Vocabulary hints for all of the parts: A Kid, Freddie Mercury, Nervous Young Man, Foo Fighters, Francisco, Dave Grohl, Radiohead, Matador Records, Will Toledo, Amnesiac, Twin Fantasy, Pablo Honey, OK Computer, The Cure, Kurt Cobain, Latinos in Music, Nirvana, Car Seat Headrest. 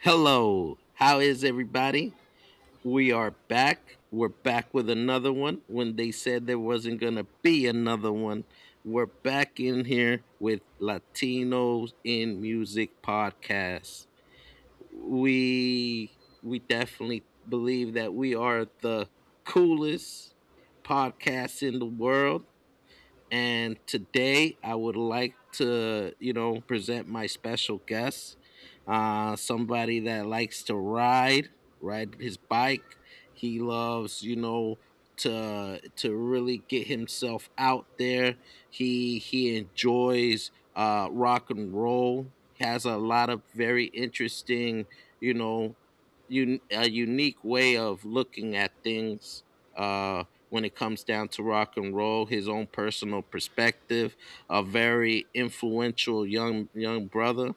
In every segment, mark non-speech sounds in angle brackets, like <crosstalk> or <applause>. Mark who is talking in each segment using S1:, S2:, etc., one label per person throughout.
S1: Hello, how is everybody? We are back. We're back with another one. When they said there wasn't going to be another one, we're back in here with Latinos in Music podcast. We definitely believe that we are the coolest podcast in the world, and today I would like to, present my special guest, somebody that likes to ride his bike. He loves, to really get himself out there. He enjoys rock and roll. He has a lot of very interesting, you know, a unique way of looking at things. Uh, when it comes down to rock and roll, his own personal perspective, a very influential young brother.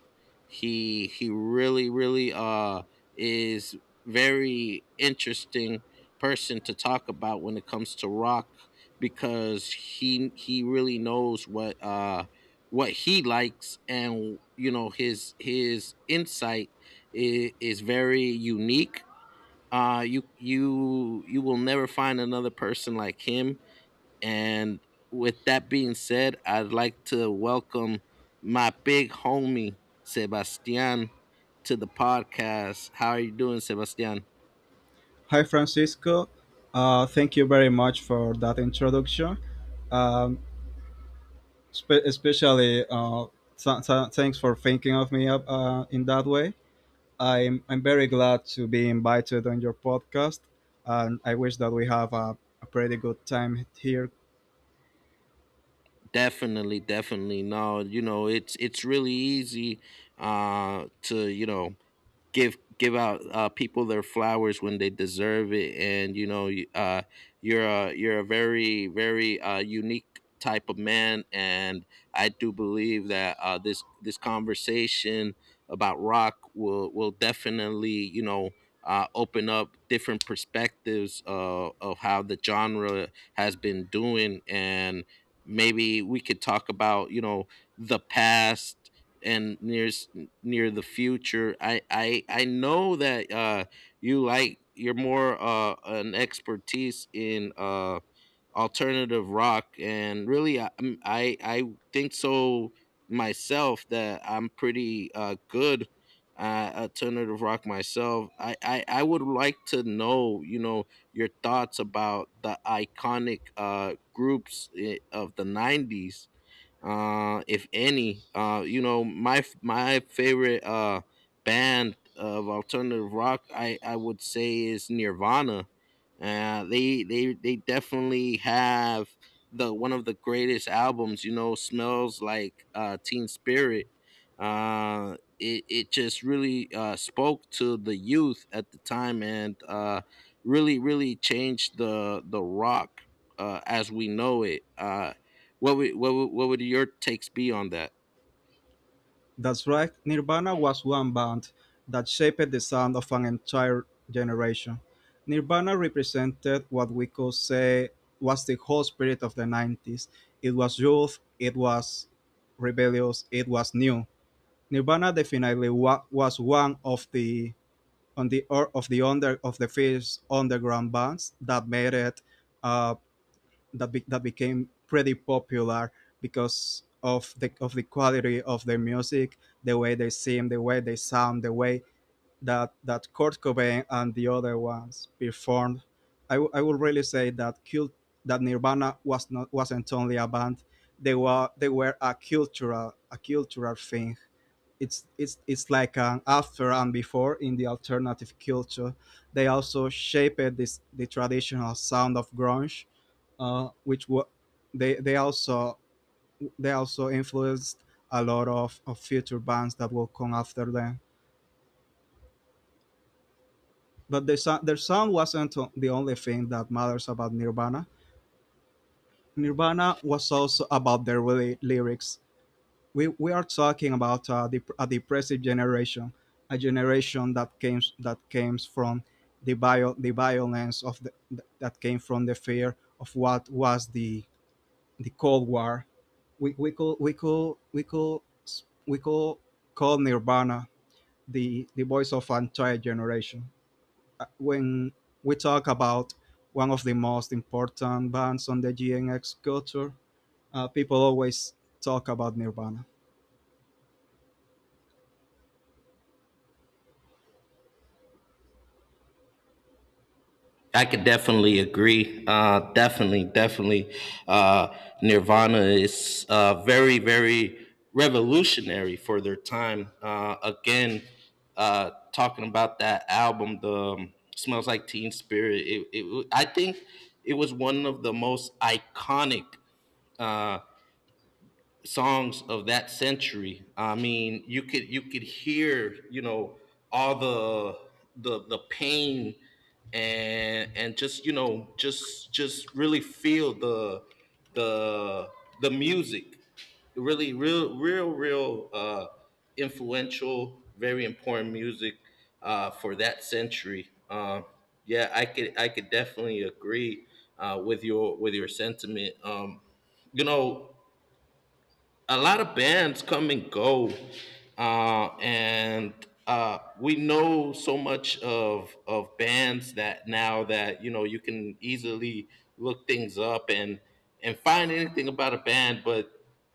S1: He really is very interesting person to talk about when it comes to rock because he really knows what what he likes, and you know his insight is very unique. You will never find another person like him, and with that being said, I'd like to welcome my big homie Sebastian to the podcast. How are you doing, Sebastian?
S2: Hi, Francisco. Thank you very much for that introduction. Um, Especially, thanks for thinking of me up, in that way. I'm very glad to be invited on your podcast, and I wish that we have a pretty good time here.
S1: Definitely, no, you know, it's really easy to, give give out people their flowers when they deserve it, and you know, you're a very very unique type of man, and I do believe that this conversation about rock will definitely, you know, open up different perspectives of how the genre has been doing, and maybe we could talk about, you know, the past and there's near the future. I know that you're more an expertise in alternative rock, and really I think so myself that I'm pretty good alternative rock myself. I would like to know, you know, your thoughts about the iconic groups of the '90s, if any. You know, my favorite band of alternative rock, I would say, is Nirvana. They definitely have the one of the greatest albums. You know, "Smells Like Teen Spirit." It just really spoke to the youth at the time, and really changed the rock as we know it. What would your takes be on that?
S2: That's right, Nirvana was one band that shaped the sound of an entire generation. Nirvana represented what we could say was the whole spirit of the 90s. It was youth, it was rebellious, it was new. Nirvana definitely was one of the on the or of the under of the first underground bands that made it, uh, that became pretty popular because of the quality of their music, the way they sing, the way they sound, the way that Kurt Cobain and the other ones performed. I would really say that Nirvana wasn't only a band; they were a cultural thing. It's like an after and before in the alternative culture. They also shaped this the traditional sound of grunge, uh, which wa- they they also they also influenced a lot of future bands that will come after them. But their sound wasn't the only thing that matters about Nirvana. Nirvana was also about their really lyrics. We are talking about a depressive generation, a generation that came from the violence of that came from the fear of what was the Cold War. We could we could we could we could call Nirvana the voice of an entire generation. When we talk about one of the most important bands on the GNX culture, people always talk about Nirvana.
S1: I could definitely agree. Definitely. Uh, Nirvana is very, very revolutionary for their time. Again, talking about that album, the "Smells Like Teen Spirit." I think it was one of the most iconic uh, songs of that century. I mean, you could hear, you know, all the the pain, and just, you know, just really feel the the the music. Really, real influential, very important music for that century. Yeah, I could definitely agree with your sentiment. You know, a lot of bands come and go, and we know so much of bands that now that you know you can easily look things up and find anything about a band. But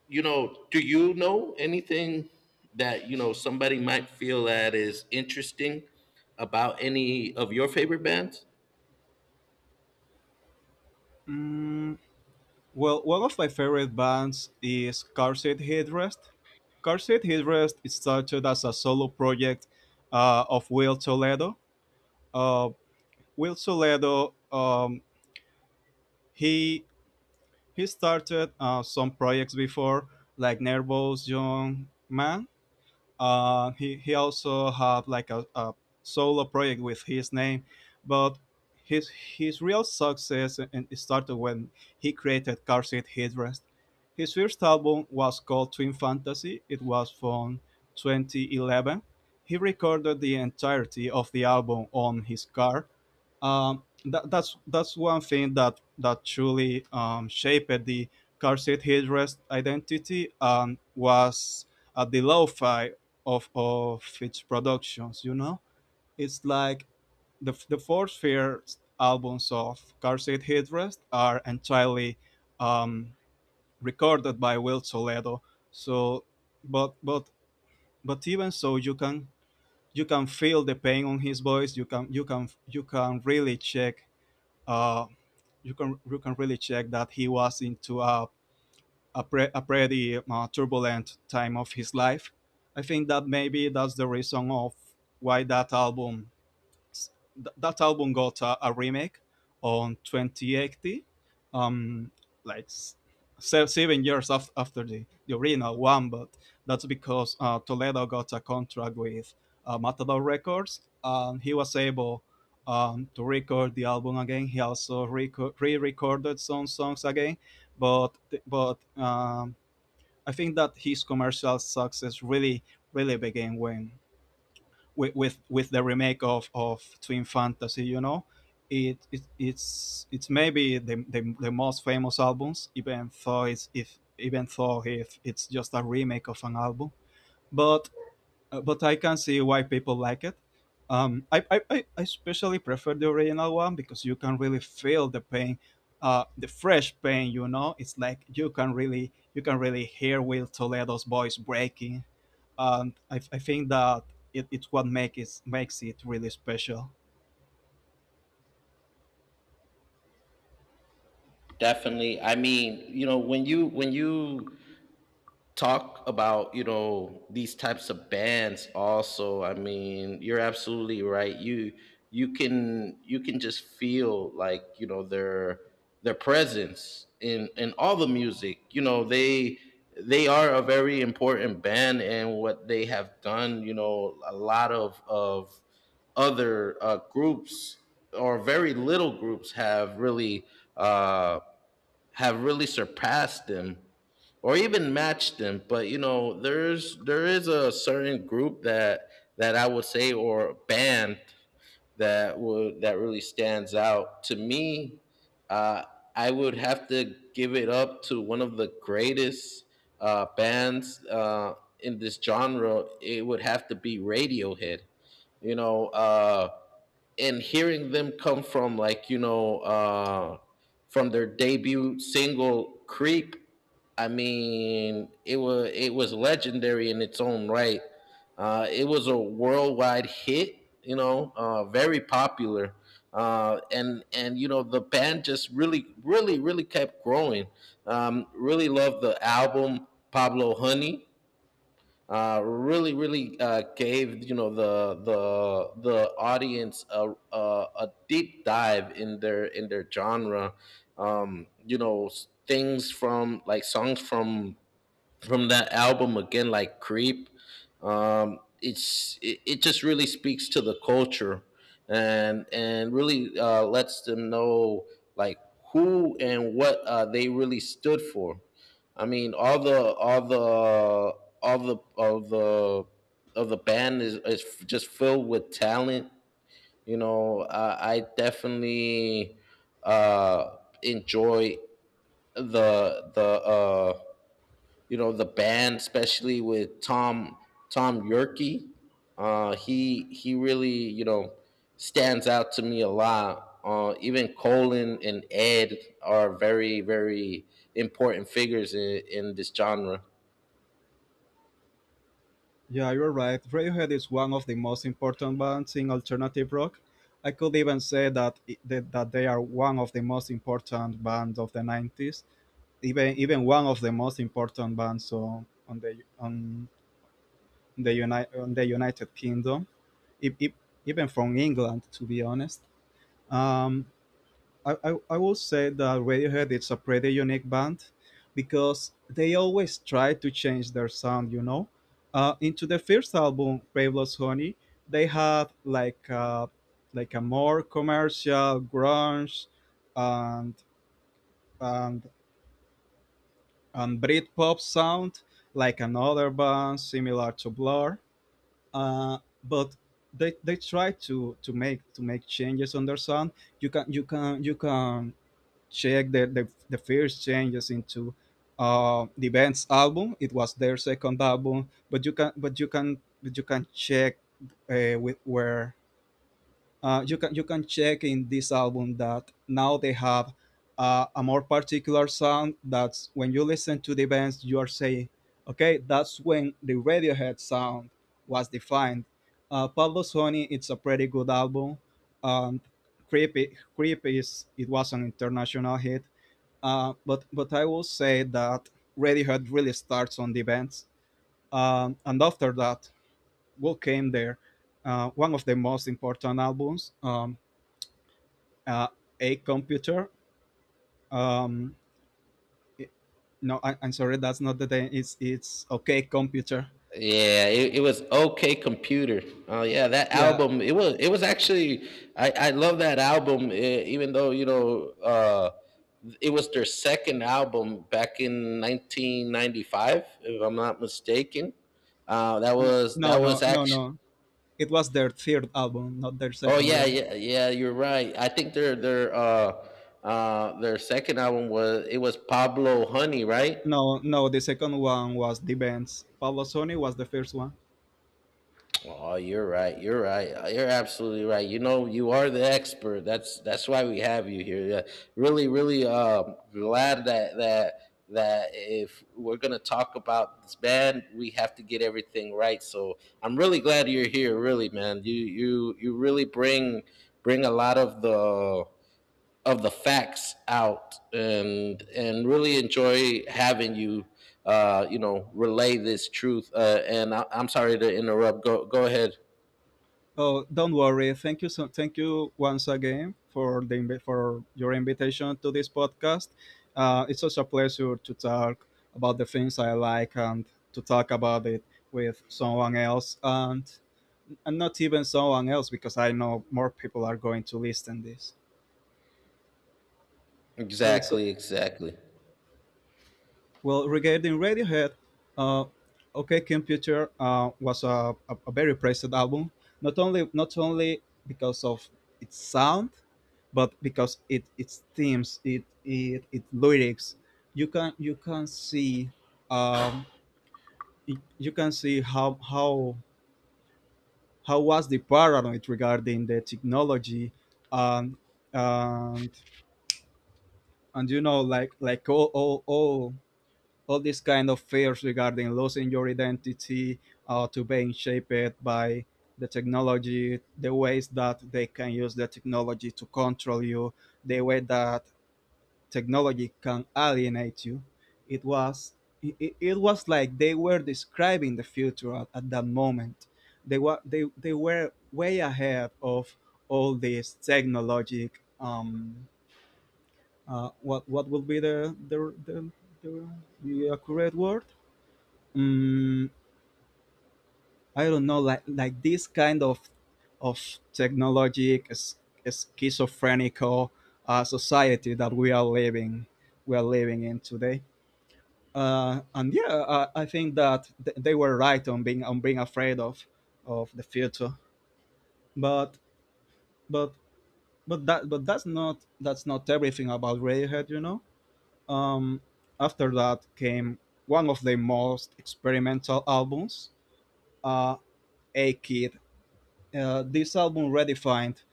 S1: you know, do you know anything that, you know, somebody might feel that is interesting about any of your favorite bands?
S2: Mm, Well, one of my favorite bands is Car Seat Headrest. Car Seat Headrest is started as a solo project, of Will Toledo. Uh, Will Toledo, he he started some projects before, like Nervous Young Man. He also had like a solo project with his name, but his real success and it started when he created Car Seat Headrest. His first album was called Twin Fantasy. It was from 2011. He recorded the entirety of the album on his car. That's one thing that truly shaped the Car Seat Headrest identity and was, the lo-fi of its productions. You know, it's like the four fair albums of Car Seat Headrest are entirely, um, recorded by Will Toledo. So, but but but even so, you can feel the pain on his voice. You can really check. Uh, you can really check that he was into a pretty turbulent time of his life. I think that maybe that's the reason of why that album got a remake on 2080, um, like 7 years after the original one, but that's because, Toledo got a contract with, Matador Records, and he was able, to record the album again. He also re recorded some songs again, but, but I think that his commercial success really, really began when with the remake of Twin Fantasy, you know. It's maybe the most famous albums, even though if it's just a remake of an album. But but I can see why people like it. I especially prefer the original one because you can really feel the pain, the fresh pain. You know, it's like you can really hear Will Toledo's voice breaking, and I think that it, it's what make it, makes it really special.
S1: Definitely. I mean, you know, when you talk about, you know, these types of bands also. I mean, you're absolutely right. You can you can just feel like, you know, their presence in all the music. You know, they are a very important band, and what they have done, you know, a lot of other groups or very little groups uh have really surpassed them or even matched them. But you know, there is a certain group that I would say, or band, that would that really stands out to me, uh, I would have to give it up to one of the greatest bands in this genre. It would have to be Radiohead, you know. And hearing them come from, like, you know, from their debut single, "Creep." I mean, it was legendary in its own right. It was a worldwide hit, you know, very popular. And you know, the band just really kept growing. Really loved the album Pablo Honey. Really gave, you know, the the audience a, a deep dive in their genre. You know, things from, like, songs from that album, again, like "Creep." It's it just really speaks to the culture, and really lets them know, like, who and what they really stood for. I mean, all the all the of the band is just filled with talent. You know, I definitely enjoy the you know the band, especially with Tom yerke He really, you know, stands out to me a lot. Even Colin and Ed are very very important figures in this genre.
S2: Yeah, you're right. Radiohead is one of the most important bands in alternative rock. I could even say that I- that that they are one of the most important bands of the 90s, even one of the most important bands on the on the United Kingdom, if, even from England, to be honest. Um, I will say that Radiohead is a pretty unique band because they always try to change their sound, you know. Into the first album, Pavel's Honey, they had like a more commercial grunge and and and Britpop sound, like another band similar to Blur. But they try to make changes on their sound. You can check the first changes into, the band's album. It was their second album, but you can but you can but you can check, with where you can check in this album that now they have, a more particular sound. That's when you listen to the bands, you are saying, okay, that's when the Radiohead sound was defined. Pablo Honey, it's a pretty good album. Um, Creepy, is it was an international hit. But I will say that Radiohead really starts on the bands, and after that, what came there? One of the most important albums, uh, A Computer. Um, it- no, I'm sorry, that's not the name. It's OK Computer.
S1: Yeah, it was okay computer. Oh yeah, that
S2: Yeah,
S1: album. It was actually I love that album. Even though, you know, it was their second album back in 1995, if I'm not mistaken.
S2: no, no,
S1: That was
S2: no, no,
S1: actually.
S2: no. It was their third album, not their
S1: Oh
S2: second
S1: yeah,
S2: one.
S1: You're right. I think their second album was it was Pablo Honey, right?
S2: No, no, the second one was the bands. Pablo Sony was the first one.
S1: Oh, you're right. You're right. You're absolutely right. You know, you are the expert. That's why we have you here. Yeah. Really, really glad that that that if we're gonna talk about this band, we have to get everything right. So I'm really glad you're here. Really, man. You really bring a lot of the facts out, and really enjoy having you. You know, relay this truth. And I'm sorry to interrupt. Go ahead.
S2: Oh, don't worry. Thank you once again for for your invitation to this podcast. It's such a pleasure to talk about the things I like, and to talk about it with someone else, and not even someone else, because I know more people are going to listen this. So it's
S1: Exactly, exactly.
S2: Well, regarding Radiohead, uh, OK Computer, was a very praised album, not only because of its sound, but because it its themes, it lyrics. You can see, um, you can see how was the paranoid regarding the technology, and and and you know, like all these kind of fears regarding losing your identity, to being shaped by the technology, the ways that they can use the technology to control you, the way that technology can alienate you. It was it was like they were describing the future at that moment. They were way ahead of all this technologic, um, what will be the, the accurate word. mm, I don't know, like this kind of technologic, schizophrenical, society that we are living in today. And yeah, I think that they were right on being afraid of the future. But but but that's not everything about Radiohead, you know. Um, After that came one of the most experimental albums, uh, A Kid. This album redefined,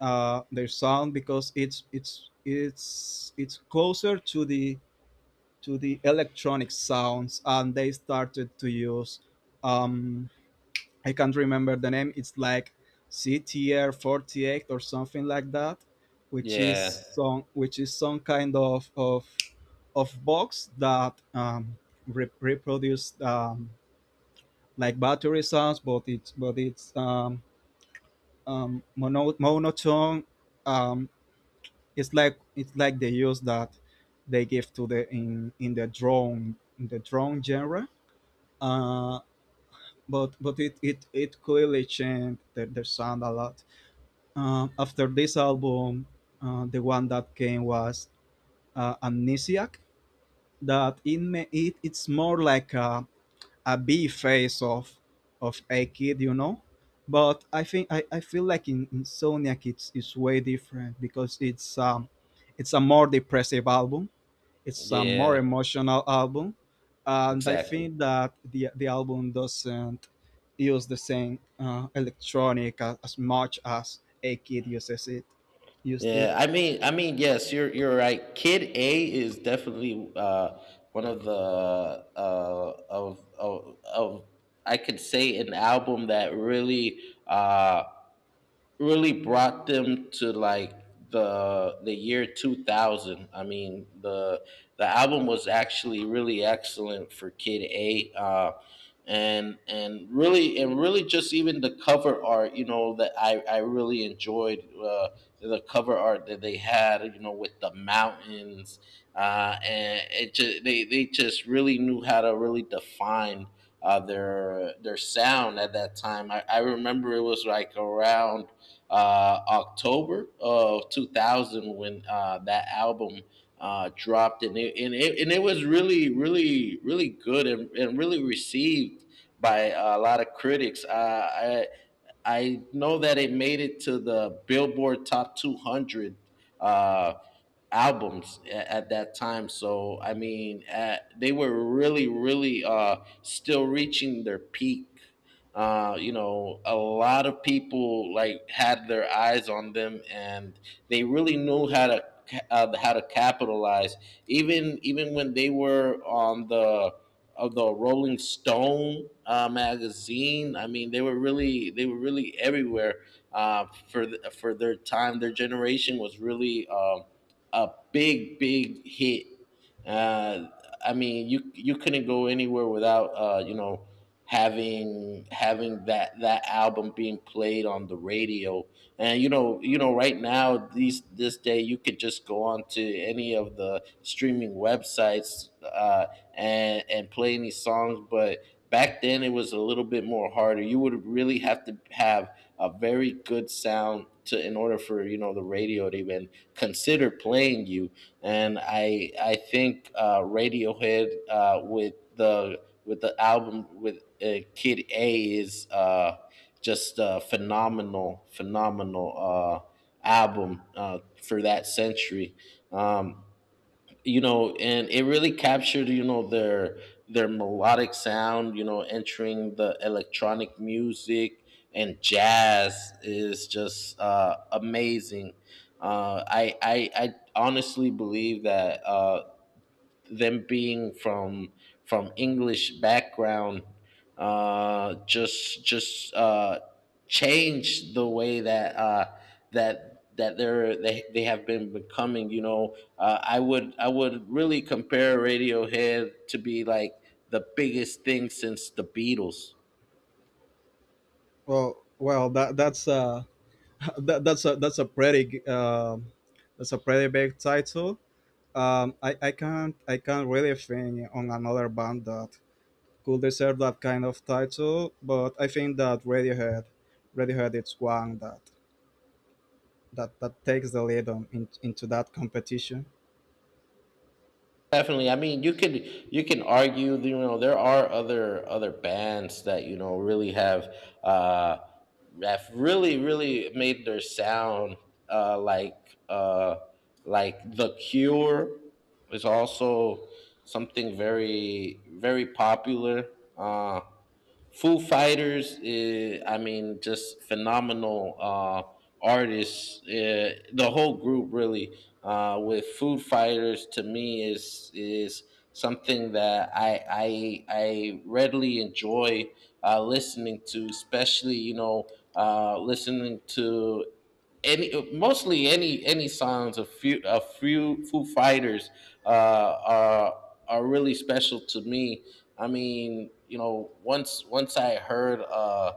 S2: their sound, because it's closer to the electronic sounds, and they started to use. Um, I can't remember the name. It's like CTR 48 or something like that, which is
S1: Yeah,
S2: some kind of box that, reproduced, like battery sounds, but it's but it's, monotone. Um, it's like the use that they give to the in the drone genre. Uh, but it clearly changed the sound a lot. After this album, the one that came was, Amnesiac. That it, may, it it's more like a bee face of a kid, you know. But I feel like in Insomniac it's way different, because it's a more depressive album. It's a more
S1: yeah,
S2: emotional album, and I
S1: exactly.
S2: think that the album doesn't use the same, electronic as much as a kid uses it used it.
S1: Yeah, I mean, yes, you're right. Kid A is definitely one of the of I could say an album that really uh, really brought them to, like, the year 2000. I mean, the album was actually really excellent for Kid A. And really just even the cover art, you know, that I really enjoyed the cover art that they had, you know, with the mountains. And it just they just really knew how to really define their sound at that time. I remember it was, like, around October of 2000, when that album dropped, and it was really, really, really good, and really received by a lot of critics. I know that it made it to the Billboard Top 200 uh, albums at that time. So I mean, at, they were really, really still reaching their peak. You know, a lot of people like had their eyes on them, and they really knew how to how to capitalize. Even when they were on the of the Rolling Stone magazine, I mean, they were really everywhere for their time. Their generation was really. A big, big hit. Uh, I mean, you couldn't go anywhere without you know, having that that album being played on the radio. And you know, right now these this day you could just go on to any of the streaming websites, and play any songs, but back then it was a little bit more harder. You would really have to have a very good sound to in order for, you know, the radio to even consider playing you. And I think Radiohead, with the album with Kid A, is just a phenomenal album for that century. Um, you know, and it really captured, you know, their melodic sound, you know, entering the electronic music and jazz is just amazing. I honestly believe that them being from English background just changed the way that that they have been becoming. You know, I would really compare Radiohead to be like the biggest thing since the Beatles.
S2: Well, well, that that's <laughs> that, that's a that's a pretty g- um that's a pretty big title. I can't really think on another band that could deserve that kind of title, but I think that Radiohead, it's one that takes the lead into that competition.
S1: Definitely. I mean, you can argue, you know, there are other bands that, you know, really uh have really made their sound uh like uh like The Cure is also something very very popular. Uh, Foo Fighters, I mean, just phenomenal artists. The whole group, really, with Foo Fighters, to me is something that I readily enjoy listening to, especially listening to any mostly any songs of few a few Foo Fighters uh, are are really special to me. I mean, you know, once I heard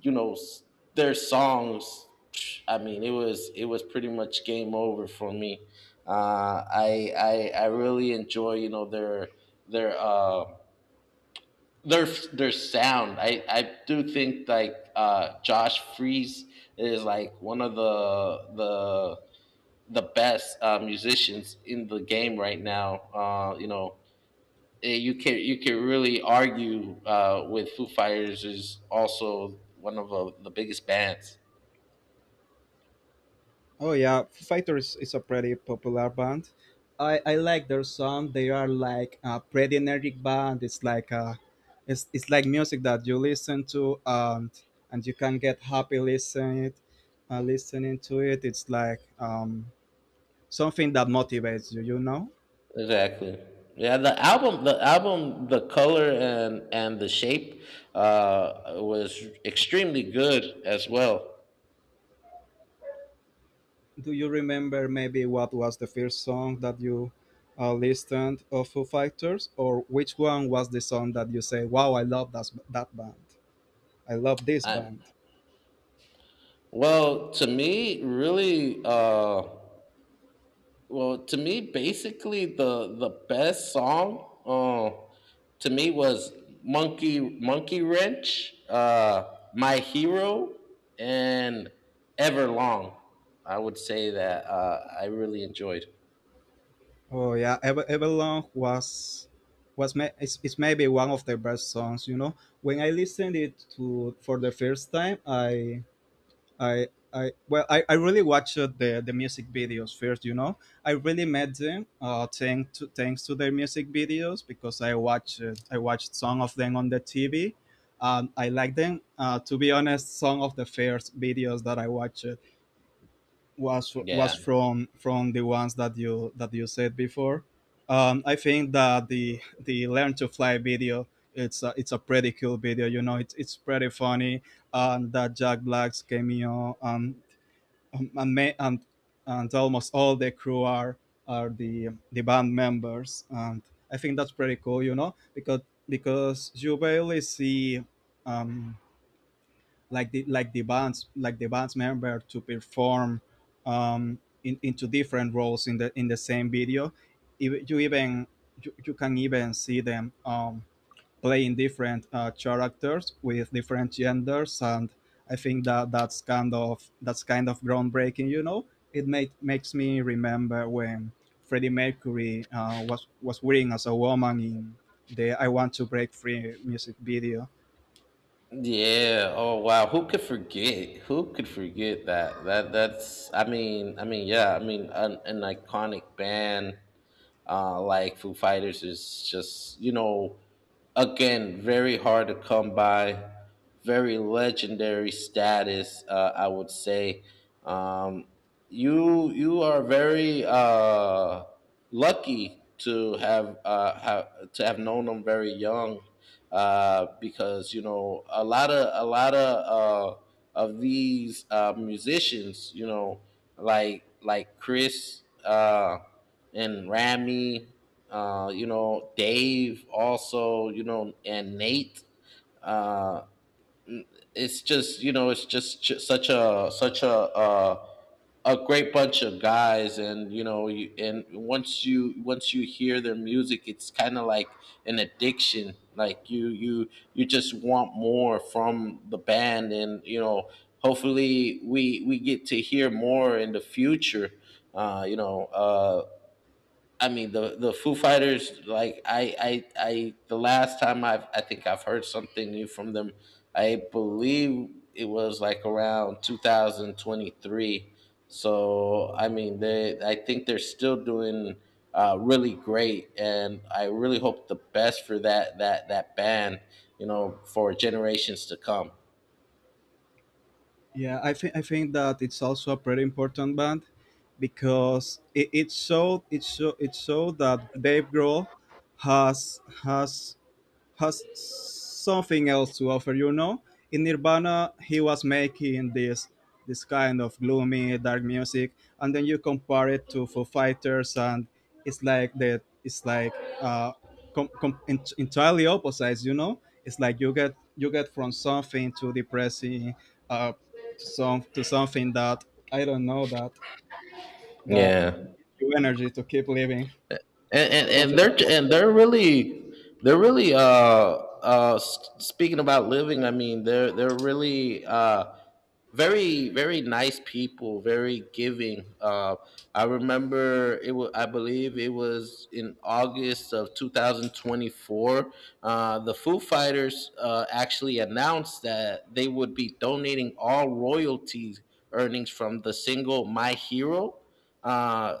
S1: you know s- their songs, I mean, it was pretty much game over for me. I really enjoy you know their their uh, their their sound. I do think like Josh Freeze is like one of the best musicians in the game right now. You can really argue with Foo Fighters is also one of the biggest bands.
S2: Oh yeah, Foo Fighters is a pretty popular band. I like their song. They are like a pretty energetic band. It's like music that you listen to, and you can get happy listening to it. It's like, something that motivates you know.
S1: Exactly. Yeah, the album, the album, the color and the shape was extremely good as well.
S2: Do you remember maybe what was the first song that you, listened of Foo Fighters, or which one was the song that you say, wow, I love that band, I love this
S1: Um,
S2: band?
S1: well, to me, really, to me, basically the best song to me was Monkey Wrench, My Hero, and Everlong. I would say that I really enjoyed.
S2: Oh yeah, Everlong it's maybe one of the best songs, you know. When I listened it to for the first time, I really watched the music videos first. You know, I really met them, thanks to their music videos, because I watched some of them on the TV. And I like them. To be honest, some of the first videos that I watched was
S1: Yeah,
S2: from the ones that you said before. I think that the Learn to Fly video, it's a pretty cool video. You know, it's pretty funny, that Jack Black's cameo. And, ma- And almost all the crew are the band members, and I think that's pretty cool, you know, because you barely see, um, the band's member to perform, into different roles in the same video. Ev- You even you can even see them, playing different, characters with different genders, and I think that that's kind of groundbreaking. You know, it made makes me remember when Freddie Mercury, was wearing as a woman in the "I Want to Break Free" music video.
S1: yeah. Oh wow, who could forget? Who could forget that? That that's. I mean, yeah. I mean, an iconic band. Like Foo Fighters is just you know again very hard to come by, very legendary status I would say. Um, you are very lucky to have known them very young because you know a lot of these musicians you know like Chris, and Rami, you know, Dave also, you know, and Nate. Uh, it's just you know, it's just ju- such a such a great bunch of guys, and you know, and once you hear their music, it's kind of like an addiction. Like you just want more from the band, and you know, hopefully we get to hear more in the future. Uh, you know, uh, I mean the Foo Fighters. Like I The last time I think I've heard something new from them. I believe it was like around 2023. So I mean they I think they're still doing really great, and I really hope the best for that band. You know, for generations to come.
S2: Yeah, I think that it's also a pretty important band, because it showed it showed it showed that Dave Grohl has has has something else to offer, you know. In Nirvana, he was making this kind of gloomy, dark music, and then you compare it to Foo Fighters, and it's like that. It's like, entirely opposites, you know. It's like you get from something to depressing, uh, to something that I don't know that
S1: Yeah.
S2: you energy to keep living,
S1: and and,
S2: something
S1: and they're
S2: that motivates.
S1: really speaking about living. I mean they're really very very nice people, very giving. I remember it was, I believe it was in August of 2024, the Foo Fighters actually announced that they would be donating all royalties earnings from the single My Hero, Uh,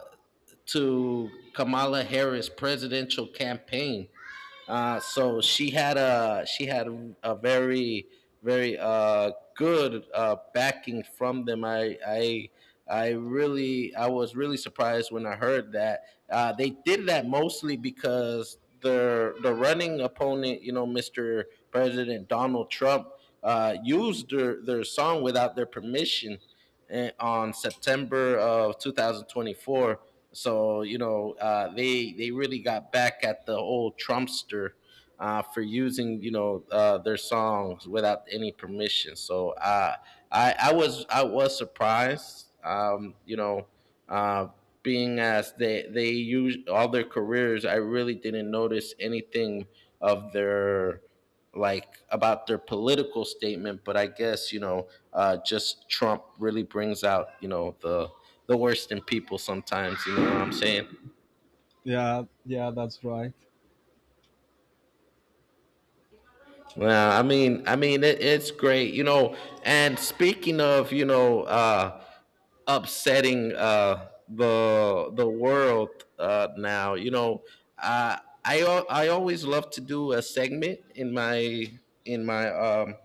S1: to Kamala Harris' presidential campaign. So she had a very very good backing from them. I really, I was really surprised when I heard that they did that, mostly because the running opponent, you know, Mr. President Donald Trump, used their song without their permission on September of 2024. So you know, they really got back at the old Trumpster for using their songs without any permission. So I was surprised. Uh, Being as they use all their careers, I really didn't notice anything of their like about their political statement, but I guess you know, just Trump really brings out the worst in people sometimes. You know what I'm saying?
S2: Yeah, yeah, that's right.
S1: Well, it, it's great, you know. And speaking of, you know, upsetting the world now, you know, uh, I always love to do a segment in my in my um,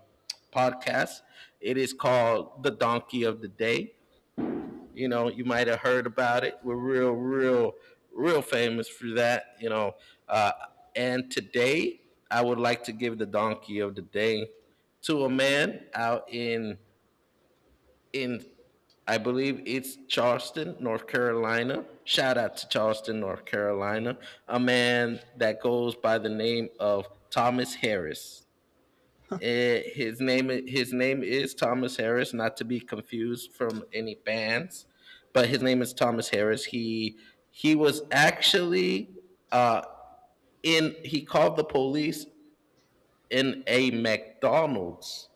S1: podcast. It is called The Donkey of the Day. You know, you might have heard about it. We're real, real, real famous for that. You know, uh, and today I would like to give the Donkey of the Day to a man out in I believe it's Charleston, North Carolina. Shout out to Charleston, North Carolina. A man that goes by the name of Thomas Harris. His name is Thomas Harris, not to be confused from any bands, but his name is Thomas Harris. He was actually uh, in he called the police in a McDonald's.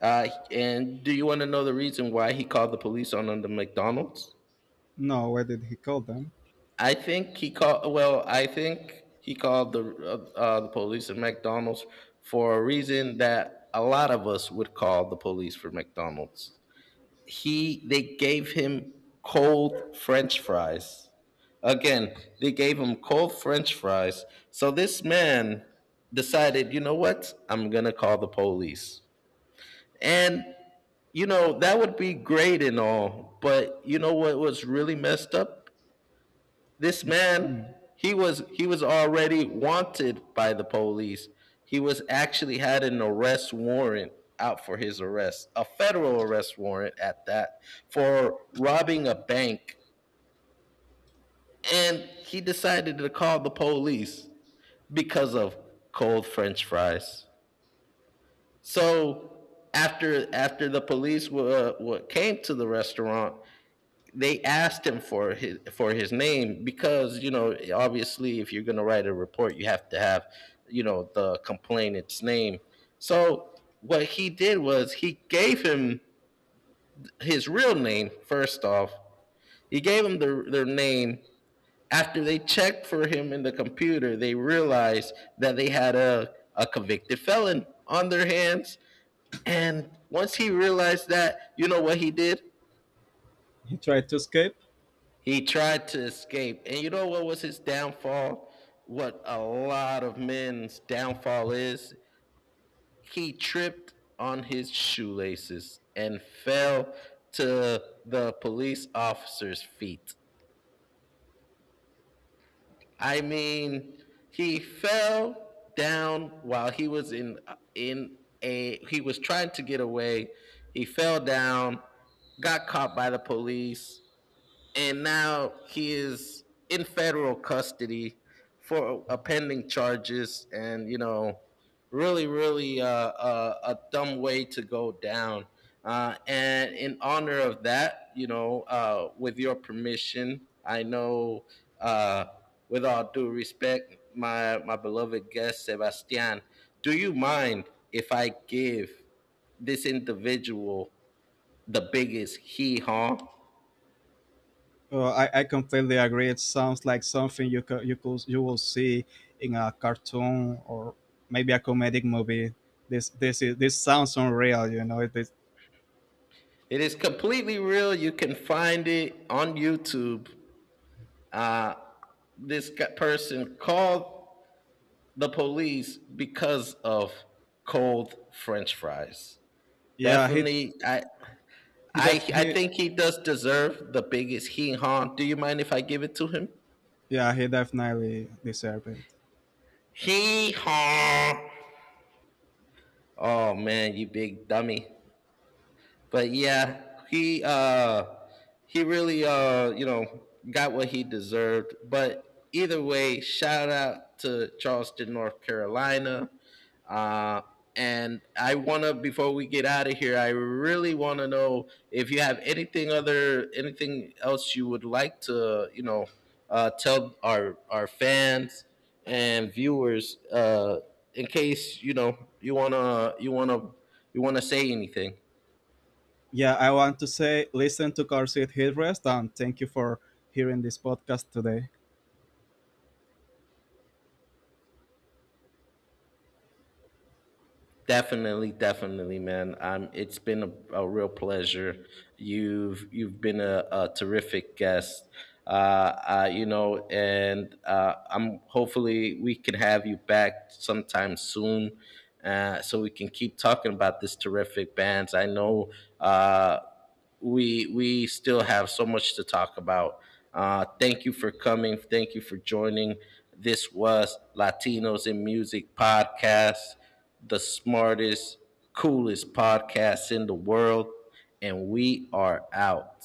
S1: And do you want to know the reason why he called the police on the McDonald's?
S2: No, where did he call them?
S1: I think he called. Well, I think he called the police at McDonald's for a reason that a lot of us would call the police for McDonald's. He They gave him cold french fries. Again, they gave him cold french fries. So this man decided, you know what, I'm gonna call the police. And you know, that would be great and all, but you know what was really messed up? This man,
S2: Mm.
S1: he was already wanted by the police. He was actually had an arrest warrant out for his arrest, a federal arrest warrant at that, for robbing a bank. And he decided to call the police because of cold french fries. So after the police came to the restaurant, they asked him for his name, because you know obviously if you're going to write a report you have to have you know the complainant's name. So what he did was he gave him his real name. First off, he gave him their name. After they checked for him in the computer, they realized that they had a convicted felon on their hands. And once he realized that, you know what he did?
S2: He tried to escape.
S1: He tried to escape. And you know what was his downfall? What a lot of men's downfall is? He tripped on his shoelaces and fell to the police officer's feet. I mean, he fell down while he was in a he was trying to get away. He fell down, got caught by the police, and now he is in federal custody for a pending charges. And you know, really really a dumb way to go down. Uh, and in honor of that, you know, with your permission, I know, uh, with all due respect, my beloved guest Sebastian, do you mind if I give this individual the biggest hee haw?
S2: I completely agree. It sounds like something you will see in a cartoon, or maybe a comedic movie. This sounds unreal. You know it is.
S1: It is completely real. You can find it on YouTube. Uh, this person called the police because of cold French fries.
S2: Yeah,
S1: Definitely, I
S2: he
S1: I
S2: def,
S1: I
S2: he
S1: think he does deserve the biggest hee haw. Do you mind if I give it to him?
S2: yeah he definitely deserved it.
S1: Hee haw! Oh man, you big dummy! But yeah, he really you know got what he deserved. But either way, shout out to Charleston, North Carolina. Uh and I want to, before we get out of here, I really want to know if you have anything else you would like to, you know, tell our fans and viewers, in case, you know, you want to say anything.
S2: Yeah, I want to say listen to Car Seat Headrest, and thank you for hearing this podcast today.
S1: Definitely, definitely, man. It's been a real pleasure. You've been a terrific guest. Uh, you know, and I'm hopefully we can have you back sometime soon, so we can keep talking about this terrific bands. I know uh, we still have so much to talk about. Thank you for coming. Thank you for joining. This was Latinos in Music podcast, the smartest, coolest podcast in the world, and we are out.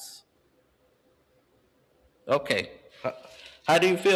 S1: Okay. How do you feel,